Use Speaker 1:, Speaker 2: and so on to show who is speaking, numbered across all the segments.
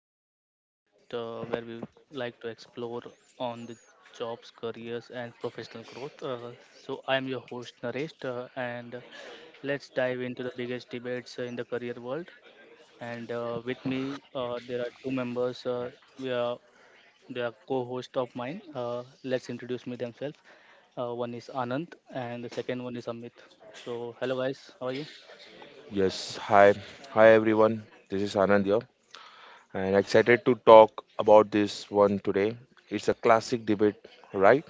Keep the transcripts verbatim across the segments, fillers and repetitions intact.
Speaker 1: to the another podcast uh, where we like to explore on the jobs, careers, and professional growth. Uh, so, I am your host Naresh, uh, and let's dive into the biggest debates uh, in the career world. And uh, with me, uh, there are two members. Uh, we are they are co-host of mine. Uh, let's introduce me themselves. Uh, one is Anand, and the second one is Amit. So, hello guys, how are you?
Speaker 2: Yes, hi. Hi everyone. This is Anand here and excited to talk about this one today. It's a classic debate, right?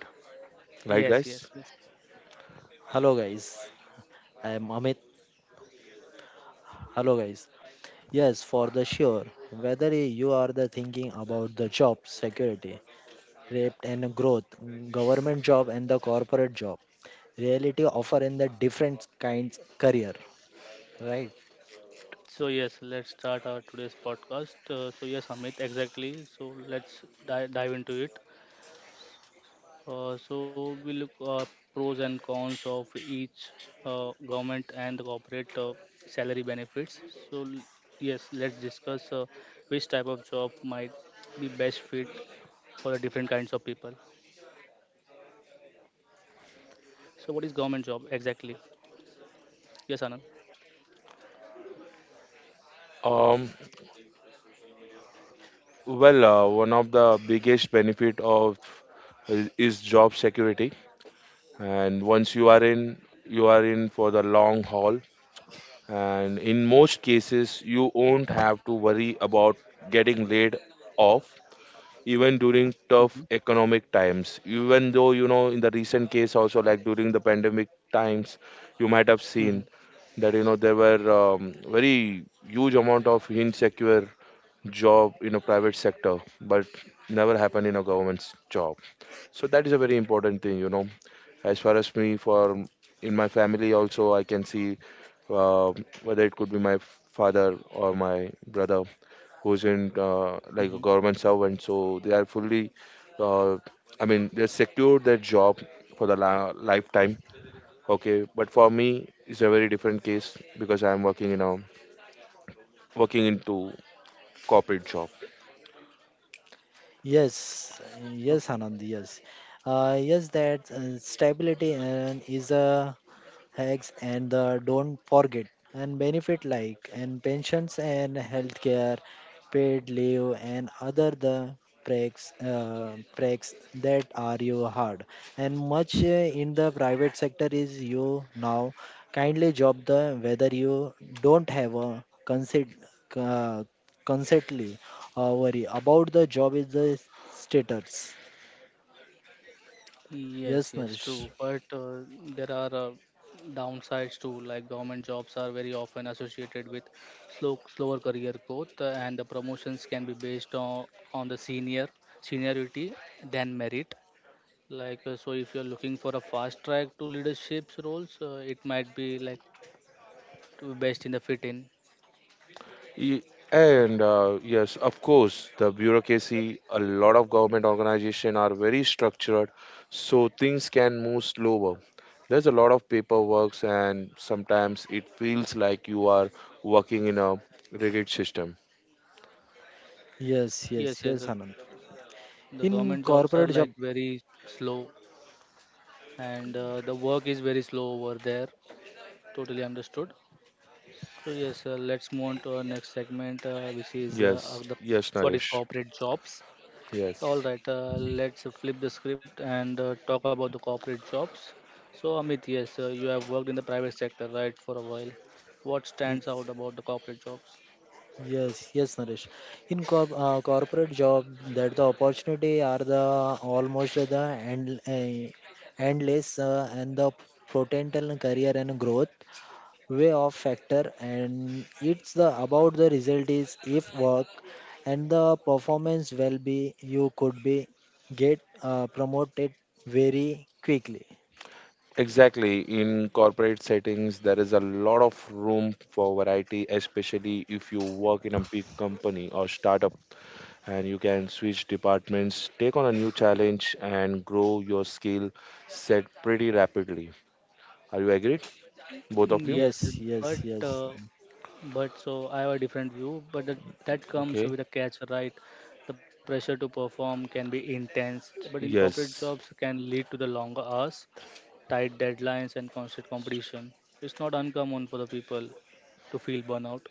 Speaker 2: Right
Speaker 1: Yes,
Speaker 2: guys?
Speaker 1: yes, yes.
Speaker 3: Hello guys, I am Amit. Hello guys. Yes, for the sure. Whether you are the thinking about the job security, rate and growth, government job and the corporate job, reality offer in the different kinds career, right?
Speaker 1: So yes, let's start our today's podcast. Uh, so yes, Amit, exactly. So let's di- dive into it. Uh, so we look uh, pros and cons of each uh, government and the corporate uh, salary benefits. So l- yes, let's discuss uh, which type of job might be best fit for the different kinds of people. So what is government job exactly? Yes, Anand.
Speaker 2: Um well, uh, one of the biggest benefit of is is job security, and once you are in, you are in for the long haul, and in most cases you won't have to worry about getting laid off even during tough
Speaker 1: Mm-hmm.
Speaker 2: economic times. Even though, you know, in the recent case also, like during the pandemic times, you might have seen
Speaker 1: Mm-hmm.
Speaker 2: that, you know, there were um, very huge amount of insecure job in a private sector, but never happen in a government's job. So that is a very important thing, you know. As far as me, for in my family also, I can see, uh, whether it could be my father or my brother, who's in, uh, like
Speaker 1: Mm-hmm.
Speaker 2: a government servant, so they are fully, uh, I mean, they secure their job for the la- lifetime. Okay, but for me, it's a very different case because I am working in a working into corporate job.
Speaker 3: Yes, yes,
Speaker 1: Okay.
Speaker 3: Anand. Yes, uh, yes. That uh, stability and is a hacks and the don't forget and benefit like and pensions and healthcare, paid leave and other the breaks uh, breaks that are you hard and much uh, in the private sector is you now kindly job the whether you don't have a consent, uh, consently, uh, worry about the job is the status.
Speaker 1: Yes,
Speaker 3: Yes,
Speaker 1: yes,
Speaker 3: Narish.
Speaker 1: true. But uh, There are uh, downsides too. Like government jobs are very often associated with slow, slower career growth, uh, and the promotions can be based on on the senior seniority than merit. Like uh, so, if you're looking for a fast track to leadership roles, uh, it might be like to be best in the fit in.
Speaker 2: Ye-
Speaker 1: Uh,
Speaker 2: And uh, yes, of course, the bureaucracy, a lot of government organization are very structured, so things can move slower. There's a lot of paperwork, and sometimes it feels like you are working in a rigid system.
Speaker 3: Yes, yes,
Speaker 1: yes, yes.
Speaker 3: yes,
Speaker 1: The,
Speaker 3: Anand,
Speaker 1: the
Speaker 3: in
Speaker 1: government jobs are
Speaker 3: corporate job.
Speaker 1: like very slow, and uh, the work is very slow over there. Totally understood. So yes, uh, let's move on to our next segment, uh, which is uh,
Speaker 2: Yes,
Speaker 1: uh, the
Speaker 2: yes,
Speaker 1: what is
Speaker 2: Naresh.
Speaker 1: corporate jobs. All
Speaker 2: Yes.
Speaker 1: right, uh, let's flip the script and uh, talk about the corporate jobs. So Amit, yes, uh, you have worked in the private sector, right, for a while. What stands out about the corporate jobs?
Speaker 3: Yes, yes, Naresh. In corp uh, corporate job, that the opportunity are the almost the end, uh, endless uh, and the potential career and growth way of factor, and it's the about the result is if work and the performance will be, you could be get uh, promoted very quickly.
Speaker 2: Exactly. In corporate settings, there is a lot of room for variety, especially if you work in a big company or startup, and you can switch departments, take on a new challenge, and grow your skill set pretty rapidly. Are you agreed? Both
Speaker 1: Mm,
Speaker 2: of you?
Speaker 1: Yes, uh,
Speaker 3: Yes, yes,
Speaker 1: but
Speaker 3: yes.
Speaker 1: uh, but so I have a different view, but that, that comes
Speaker 2: Okay.
Speaker 1: with a catch, right? The pressure to perform can be intense, but in corporate
Speaker 2: Yes.
Speaker 1: jobs can lead to the longer hours, tight deadlines, and constant competition, it's not uncommon for the people to feel burnout.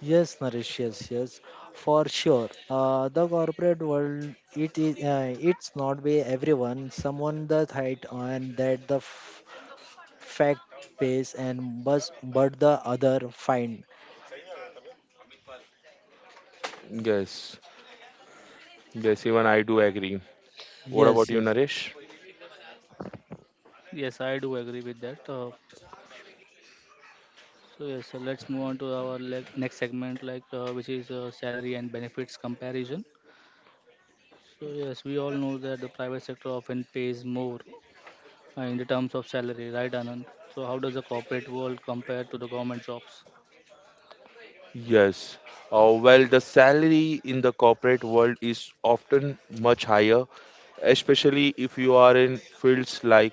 Speaker 3: Yes, Naresh, yes, yes, for sure. Uh, the corporate world, it is, uh, it's not by everyone. Someone that height and that the f- fact pays and bus, but the other find.
Speaker 2: Yes. Yes, even I do agree. What about
Speaker 3: Yes,
Speaker 2: you,
Speaker 3: yes.
Speaker 2: Naresh?
Speaker 1: Yes, I do agree with that. Uh, so yes, so let's move on to our le- next segment, like uh, which is uh, salary and benefits comparison. So yes, we all know that the private sector often pays more uh, in the terms of salary, right, Anand? So how does the corporate world compare to the government jobs?
Speaker 2: Yes. Uh, well, the salary in the corporate world is often much higher, especially if you are in fields like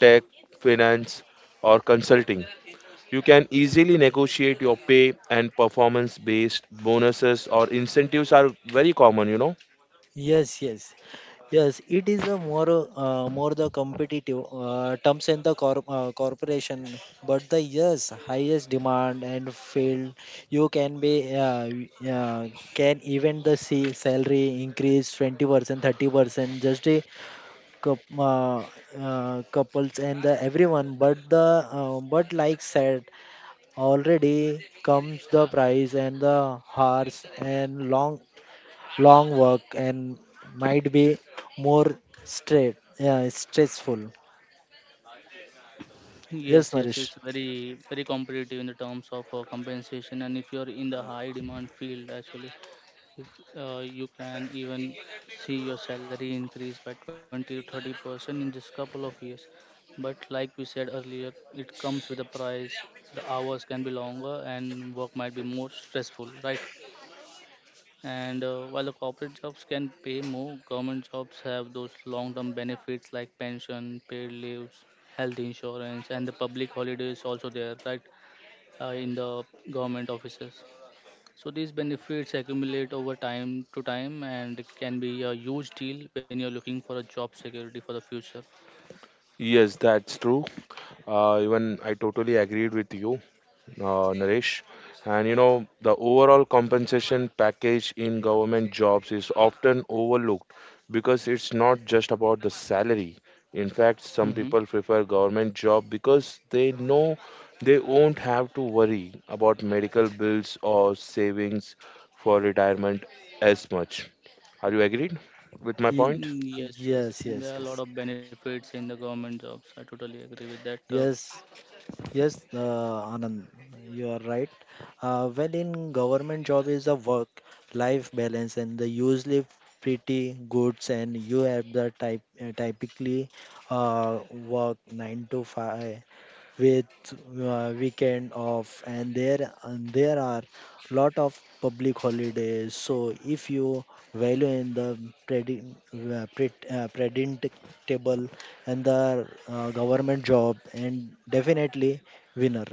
Speaker 2: tech, finance, or consulting. You can easily negotiate your pay, and performance based bonuses or incentives are very common, you know.
Speaker 3: Yes, yes, yes. It is a more uh, more the competitive uh, terms in the corp uh, corporation, but the yes highest demand and field you can be, uh, uh, can even the see salary increase twenty percent thirty percent just a coup- uh, uh, couples and the everyone, but the, uh, but like said, already comes the price and the hours and long long work and might be more straight, yeah, stressful. Yes,
Speaker 1: Yes, yes,
Speaker 3: Naresh.
Speaker 1: it's very very competitive in the terms of uh, compensation, and if you're in the high demand field, actually, If uh, you can even see your salary increase by twenty to thirty percent in just couple of years, but like we said earlier, it comes with a price. The hours can be longer and work might be more stressful, right? And uh, while the corporate jobs can pay more, government jobs have those long term benefits like pension, paid leaves, health insurance, and the public holidays also there, right? Uh, in the government offices. So these benefits accumulate over time to time and can be a huge deal when you're looking for a job security for the future.
Speaker 2: Yes, that's true. Uh, even I totally agreed with you, uh, Naresh. And you know, the overall compensation package in government jobs is often overlooked because it's not just about the salary. In fact, some
Speaker 1: Hmm.
Speaker 2: people prefer government job because they know they won't have to worry about medical bills or savings for retirement as much. Are you agreed with my
Speaker 3: Ye-
Speaker 2: point?
Speaker 1: Yes, yes.
Speaker 3: Yes,
Speaker 1: There are a
Speaker 3: yes,
Speaker 1: lot
Speaker 3: yes,
Speaker 1: of benefits in the government jobs. I totally agree with that. Uh,
Speaker 3: yes. Yes, uh, Anand, you are right. Uh, well, in government job is a work-life balance, and the usually pretty goods, and you have the type uh, typically uh, work nine to five with uh, weekend off, and there and there are lot of public holidays. So if you value in the predi- uh, pred- uh, predictable and the uh, government job and definitely winner.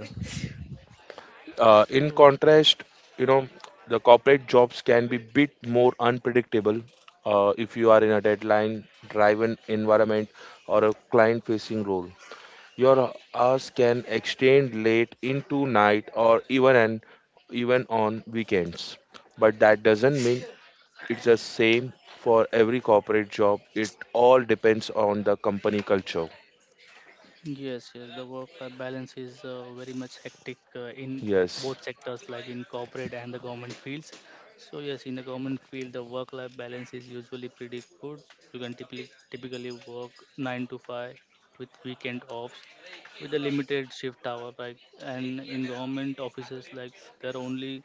Speaker 2: Uh, in
Speaker 1: so
Speaker 2: contrast, you know, the corporate jobs can be bit more unpredictable, uh, if you are in a deadline driven environment or a client facing role. Your hours can extend late into night or even an, even on weekends. But that doesn't mean it's the same for every corporate job. It all depends on the company culture.
Speaker 1: Yes, yes, the work uh, balance is uh, very much hectic uh, in
Speaker 2: Yes.
Speaker 1: both sectors, like in corporate and the government fields. So yes, in the government field, the work-life balance is usually pretty good. You can typically typically work nine to five with weekend offs, with a limited shift hour, right? And in government offices, like there are only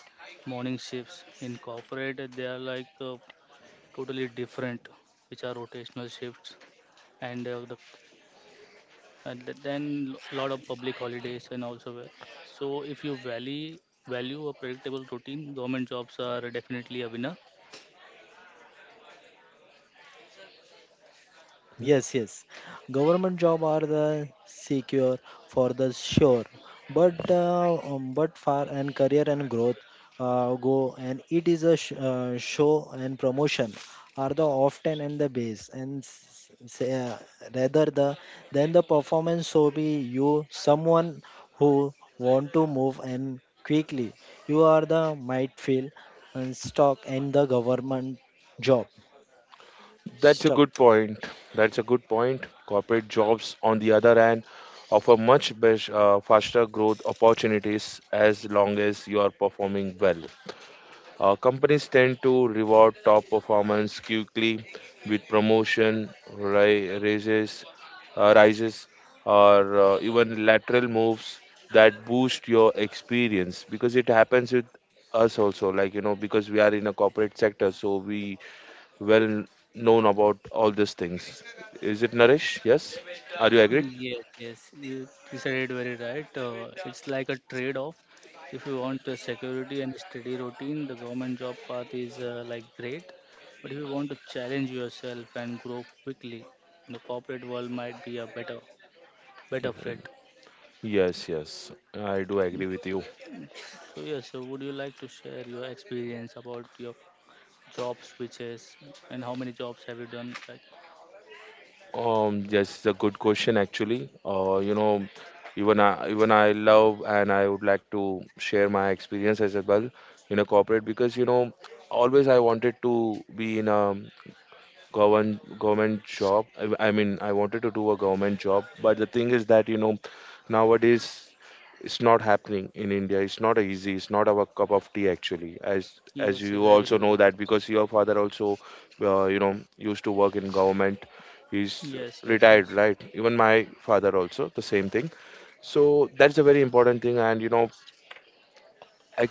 Speaker 1: morning shifts. In corporate, they are like uh, totally different, which are rotational shifts and uh, the and th- then a lot of public holidays and also where- so if you value value a predictable routine government jobs are definitely a winner.
Speaker 2: Hmm?
Speaker 3: Yes, yes. Government job are the secure for the sure, but uh, um, but far and career and growth uh, go, and it is a sh- uh, show and promotion are the often and the base and s- say, uh, rather the than the performance. So be you someone who want to move and quickly, you are the might feel and stuck in the government job
Speaker 2: That's a
Speaker 3: stuck.
Speaker 2: good point. That's a good point. Corporate jobs, on the other hand, offer much best, uh, faster growth opportunities as long as you are performing well. Uh, companies tend to reward top performance quickly with promotion, ri- raises, uh, rises, or uh, even lateral moves that boost your experience, because it happens with us also. Like, you know, because we are in a corporate sector, so we well known about all these things. Is it Naresh? Yes. Are you agreed?
Speaker 1: Yes, yes, you you said it very right. Uh, it's like a trade off. If you want the security and the steady routine the government job path is uh, like great, but if you want to challenge yourself and grow quickly the corporate world might be a better
Speaker 2: Yeah.
Speaker 1: better fit.
Speaker 2: Yes, yes. I do agree with you.
Speaker 1: So yes, so would you like to share your experience about your job switches and how many jobs have you done like?
Speaker 2: Um, yes, it's a good question actually. Uh, you know, even I, even I love, and I would like to share my experience as well in a corporate, because you know always I wanted to be in a govern government job. I, I mean, I wanted to do a government job, but the thing is that, you know, nowadays it's not happening in India. It's not easy, it's not our cup of tea actually, as as
Speaker 1: Yes, yes,
Speaker 2: you
Speaker 1: I agree
Speaker 2: also
Speaker 1: with
Speaker 2: know,
Speaker 1: you.
Speaker 2: that because your father also, uh, you know, used to work in government. He's
Speaker 1: Yes, yes,
Speaker 2: retired,
Speaker 1: yes.
Speaker 2: right? Even my father also the same thing. So that's a very important thing. And, you know, I,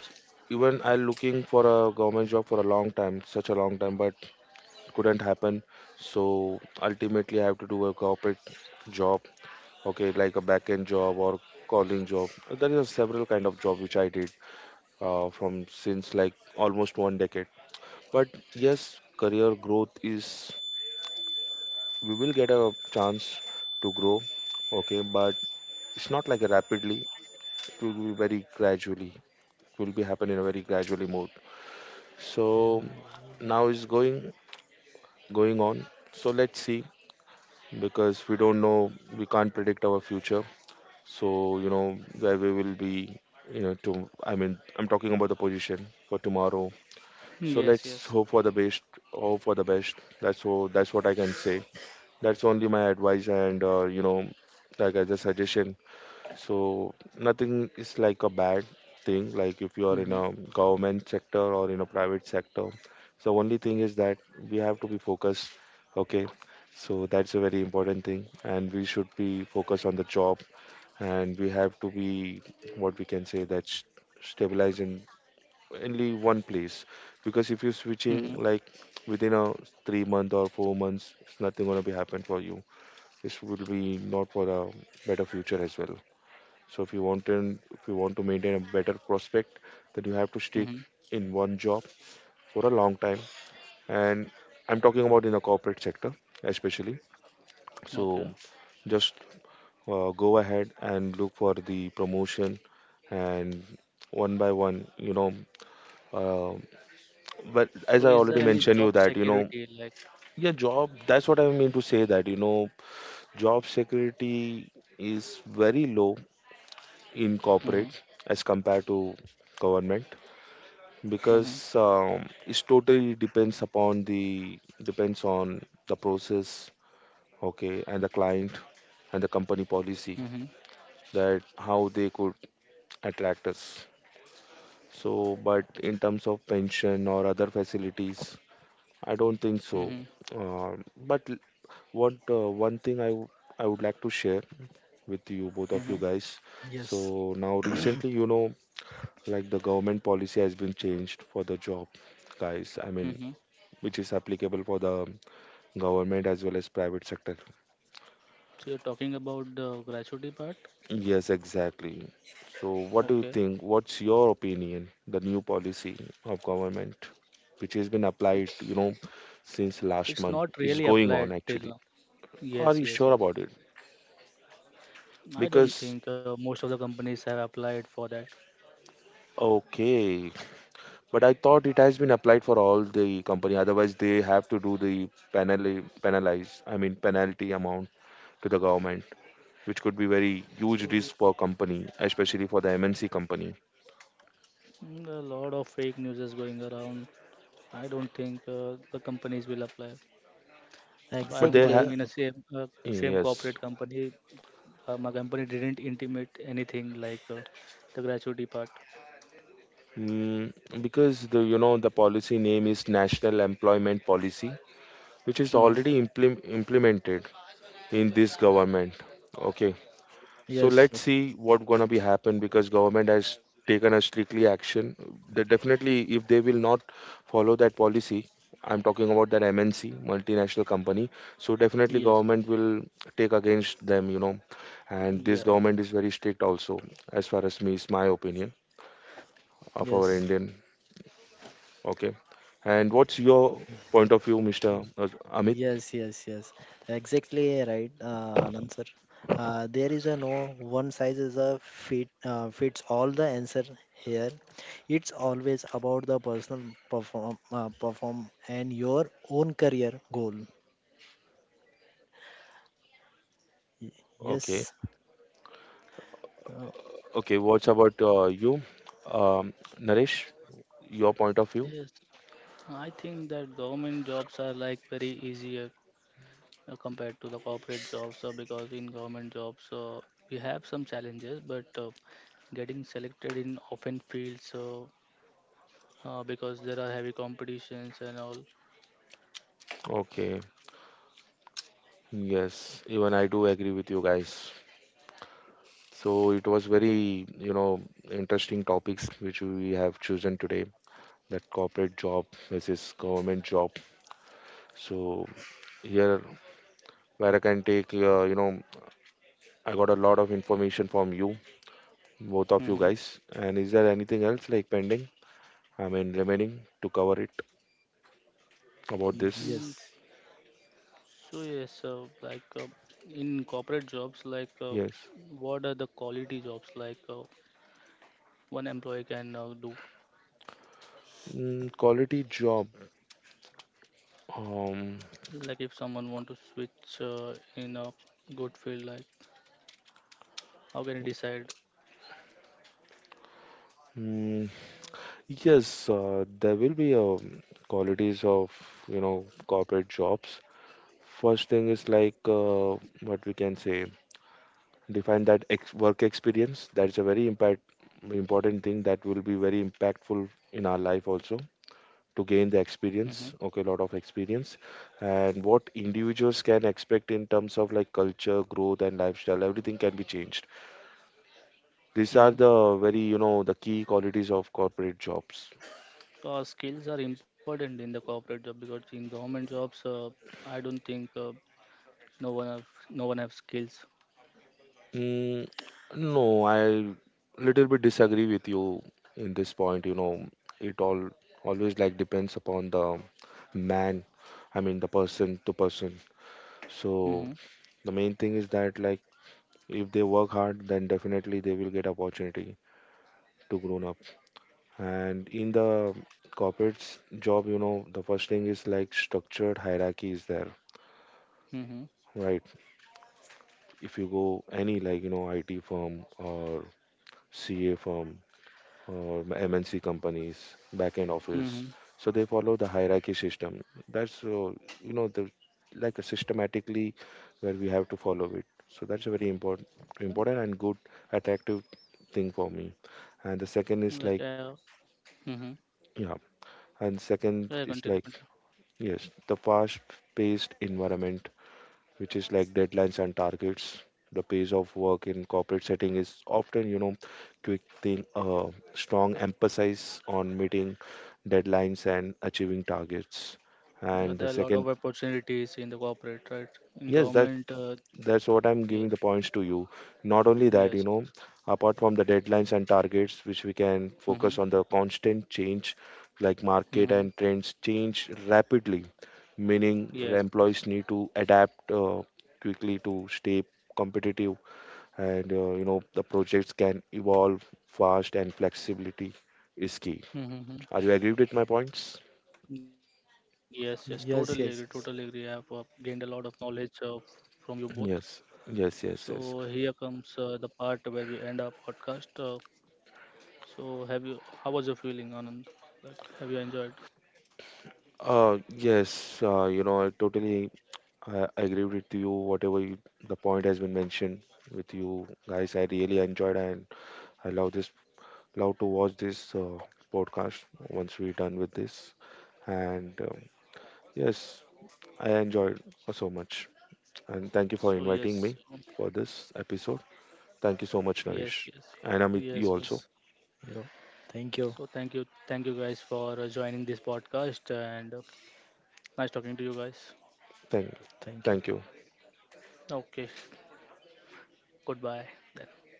Speaker 2: even I looking for a government job for a long time, such a long time, but couldn't happen. So ultimately I have to do a corporate job. Okay, like a back end job or calling job, there are several kind of job which I did, uh, from since like almost one decade. But yes, career growth is we will get a chance to grow, okay, but it's not like rapidly, it will be very gradually, it will be happen in a very gradually mode. So now is going going on. So let's see, because we don't know, we can't predict our future. So you know where we will be, you know, to I mean, I'm talking about the position for tomorrow. So
Speaker 1: Yes,
Speaker 2: let's
Speaker 1: yes.
Speaker 2: hope for the best. Hope for the best. That's all. That's what I can say. That's only my advice, and, uh, you know, like as a suggestion. So nothing is like a bad thing. Like if you are in
Speaker 1: Mm-hmm.
Speaker 2: a government sector or in a private sector, so only thing is that we have to be focused. Okay, so that's a very important thing, and we should be focused on the job, and we have to be what we can say, that stabilizing only one place, because if you're
Speaker 1: Mm-hmm.
Speaker 2: switching like within a three month or four months, it's nothing going to be happen for you. This will be not for a better future as well. So if you want to, if you want to maintain a better prospect, then you have to stick
Speaker 1: Mm-hmm.
Speaker 2: in one job for a long time. And I'm talking about in the corporate sector especially. So
Speaker 1: Okay.
Speaker 2: just, uh, go ahead and look for the promotion, and one by one, you know, uh, but
Speaker 1: So
Speaker 2: as I
Speaker 1: is there
Speaker 2: already
Speaker 1: any
Speaker 2: mentioned
Speaker 1: job
Speaker 2: you that, you know,
Speaker 1: security like?
Speaker 2: yeah, job, that's what I mean to say, that you know, job security is very low in
Speaker 1: Mm-hmm.
Speaker 2: corporate as compared to government,
Speaker 1: Mm-hmm.
Speaker 2: because um, it totally depends upon the depends on the process, okay, and the client and the company
Speaker 1: Mm-hmm.
Speaker 2: policy, that how they could attract us. So but in terms of pension or other facilities, I don't think
Speaker 1: Mm-hmm.
Speaker 2: so. Uh, but l- what uh, one thing I w- I would like to share with you, both of
Speaker 1: Mm-hmm.
Speaker 2: you guys. So
Speaker 3: Yes.
Speaker 2: now recently, you know, like the government policy has been changed for the job guys. I mean,
Speaker 1: Mm-hmm.
Speaker 2: which is applicable for the government as well as private sector.
Speaker 1: So you're talking about the gratuity part.
Speaker 2: Yes, exactly. So what do you
Speaker 1: Okay.
Speaker 2: think? What's your opinion? The new policy of government, which has been applied,
Speaker 1: That's-
Speaker 2: you know, since last
Speaker 1: it's
Speaker 2: month,
Speaker 1: not
Speaker 2: is
Speaker 1: really
Speaker 2: going
Speaker 1: applied
Speaker 2: on
Speaker 1: till
Speaker 2: actually.
Speaker 1: now.
Speaker 2: Are
Speaker 1: Yes,
Speaker 2: you
Speaker 1: yes,
Speaker 2: sure
Speaker 1: yes.
Speaker 2: about it?
Speaker 1: I don't
Speaker 2: Because
Speaker 1: think uh, most of the companies have applied for that.
Speaker 2: okay, but I thought it has been applied for all the company. Otherwise, they have to do the penalty, penalize. I mean, penalty amount to the government, which could be very
Speaker 1: So
Speaker 2: huge
Speaker 1: yeah.
Speaker 2: risk for company, especially for the M N C company.
Speaker 1: Mm, A lot of fake news is going around. I don't think uh, the companies will apply. So I
Speaker 2: But
Speaker 1: am
Speaker 2: they have
Speaker 1: working
Speaker 3: Exactly.
Speaker 1: in a same uh, same
Speaker 2: yes,
Speaker 1: corporate company. Uh, my company didn't intimate anything like uh, the gratuity part.
Speaker 2: mm, because the you know the policy name is National Employment Policy, which is
Speaker 1: Hmm.
Speaker 2: already implem- implemented in this government. Okay. So
Speaker 3: Yes,
Speaker 2: let's see what gonna be happen, because government has taken a strictly action. They definitely, if they will not follow that policy, I'm talking about that M N C, multinational company. So definitely
Speaker 1: Yes.
Speaker 2: government will take against them, you know. And this
Speaker 1: Yeah, yeah.
Speaker 2: government is very strict also, as far as me is my opinion of our
Speaker 3: yes,
Speaker 2: Indian. Okay. And what's your point of view, mister
Speaker 3: yes,
Speaker 2: Amit?
Speaker 3: yes, yes, yes. Exactly right, uh, Anand sir. Uh, there is a no one size is a fit uh, fits all the answer here. It's always about the personal perform uh, perform and your own career goal. Y-
Speaker 2: Okay.
Speaker 3: Yes, uh,
Speaker 2: Okay. What's about uh, you, um, Naresh? Your point of view?
Speaker 1: Yes. I think that government jobs are like very easier uh, compared to the corporate jobs. Uh, because in government jobs uh, we have some challenges, but uh, getting selected in often fields. Uh, uh, because there are heavy competitions and all.
Speaker 2: Okay. Yes, even I do agree with you guys. So it was very, you know, interesting topics which we have chosen today, that corporate job versus government job. So here, where I can take, uh, you know, I got a lot of information from you, both of
Speaker 1: Mm-hmm.
Speaker 2: you guys. And is there anything else like pending? I mean, remaining to cover it about
Speaker 3: y-
Speaker 2: this?
Speaker 1: Mm,
Speaker 3: yes,
Speaker 1: so yes, uh, like uh, in corporate jobs, like uh,
Speaker 2: Yes.
Speaker 1: what are the quality jobs like uh, one employee can uh, do?
Speaker 2: Mm, quality job. Um,
Speaker 1: Like if someone want to switch uh, in a good field, like how can he decide?
Speaker 2: mm, Yes, uh, there will be um, qualities of, you know, corporate jobs. First thing is like, uh, what we can say, define that ex work experience. That's a very impact important thing, that will be very impactful in our life also, to gain the
Speaker 1: Mm-hmm.
Speaker 2: experience, okay, lot of experience. And what individuals can expect in terms of like culture, growth, and lifestyle, everything can be changed.
Speaker 1: Mm-hmm.
Speaker 2: These are the very, you know, the key qualities of corporate jobs.
Speaker 1: So our skills are important in the corporate job because in government jobs, uh, I don't think uh, no one have no one have skills.
Speaker 2: Mm, no, I little bit disagree with you in this point. You know, it all always like depends upon the man. I mean, the person to person. So
Speaker 1: Mm-hmm.
Speaker 2: the main thing is that like if they work hard, then definitely they will get opportunity to grown up. And in the corporate s- job, you know, the first thing is like structured hierarchy is there, right? If you go any like you know I T firm or C A firm or M N C companies, back end office.
Speaker 1: Mm-hmm.
Speaker 2: So they follow the hierarchy system. That's, uh, you know, the like a systematically where we have to follow it. So that's a very important
Speaker 1: Mm-hmm.
Speaker 2: important and good attractive thing for me. And the second is
Speaker 1: Like
Speaker 2: like
Speaker 1: uh, Mm-hmm.
Speaker 2: yeah. And
Speaker 1: Yeah,
Speaker 2: second
Speaker 1: continue,
Speaker 2: is like
Speaker 1: continue.
Speaker 2: yes, the fast paced environment which is like deadlines and targets. The pace of work in corporate setting is often, you know, quick thing, uh, strong emphasis on meeting deadlines and achieving targets.
Speaker 1: Yeah,
Speaker 2: And
Speaker 1: there
Speaker 2: the
Speaker 1: are a lot of
Speaker 2: second,
Speaker 1: opportunities in the corporate, right? In
Speaker 2: yes, that
Speaker 1: government, uh,
Speaker 2: that's what I'm giving
Speaker 1: yes,
Speaker 2: the points to you. Not only that, you
Speaker 1: yes,
Speaker 2: know,
Speaker 1: yes.
Speaker 2: apart from the deadlines and targets, which we can
Speaker 1: Mm-hmm.
Speaker 2: focus on the constant change, like market
Speaker 1: Mm-hmm.
Speaker 2: and trends change rapidly, meaning
Speaker 1: Yes, yes.
Speaker 2: employees need to adapt uh, quickly to stay competitive, and, uh, you know, the projects can evolve fast, and flexibility is key.
Speaker 1: Mm-hmm.
Speaker 2: Are you agreed with my points?
Speaker 1: Yes, yes. Totally agree. Totally
Speaker 3: yes,
Speaker 1: agree.
Speaker 3: yes,
Speaker 1: I have
Speaker 3: yes.
Speaker 1: uh, gained a lot of knowledge uh, from you both.
Speaker 2: Yes, yes, yes,
Speaker 1: So
Speaker 2: yes.
Speaker 1: here comes uh, the part where we end our podcast. Uh, so have you? How was your feeling, Anand? Like, have you enjoyed?
Speaker 2: Uh, yes, uh, you know, I totally I I agree with you. Whatever you, the point has been mentioned with you guys, I really enjoyed, and I love this. Love to watch this, uh, podcast once we're done with this. And, um, yes, I enjoyed so much. And thank you for
Speaker 1: So
Speaker 2: inviting
Speaker 1: yes,
Speaker 2: me
Speaker 1: um,
Speaker 2: for this episode. Thank you so much,
Speaker 1: yes,
Speaker 2: Naresh,
Speaker 1: yes,
Speaker 2: and Amit, you
Speaker 1: yes,
Speaker 2: also.
Speaker 1: yes.
Speaker 3: Yo, thank you,
Speaker 1: So thank you, thank you guys for uh, joining this podcast, and uh, nice talking to you guys.
Speaker 2: Thank you.
Speaker 3: thank you.
Speaker 2: Thank you.
Speaker 1: Okay, goodbye. Then.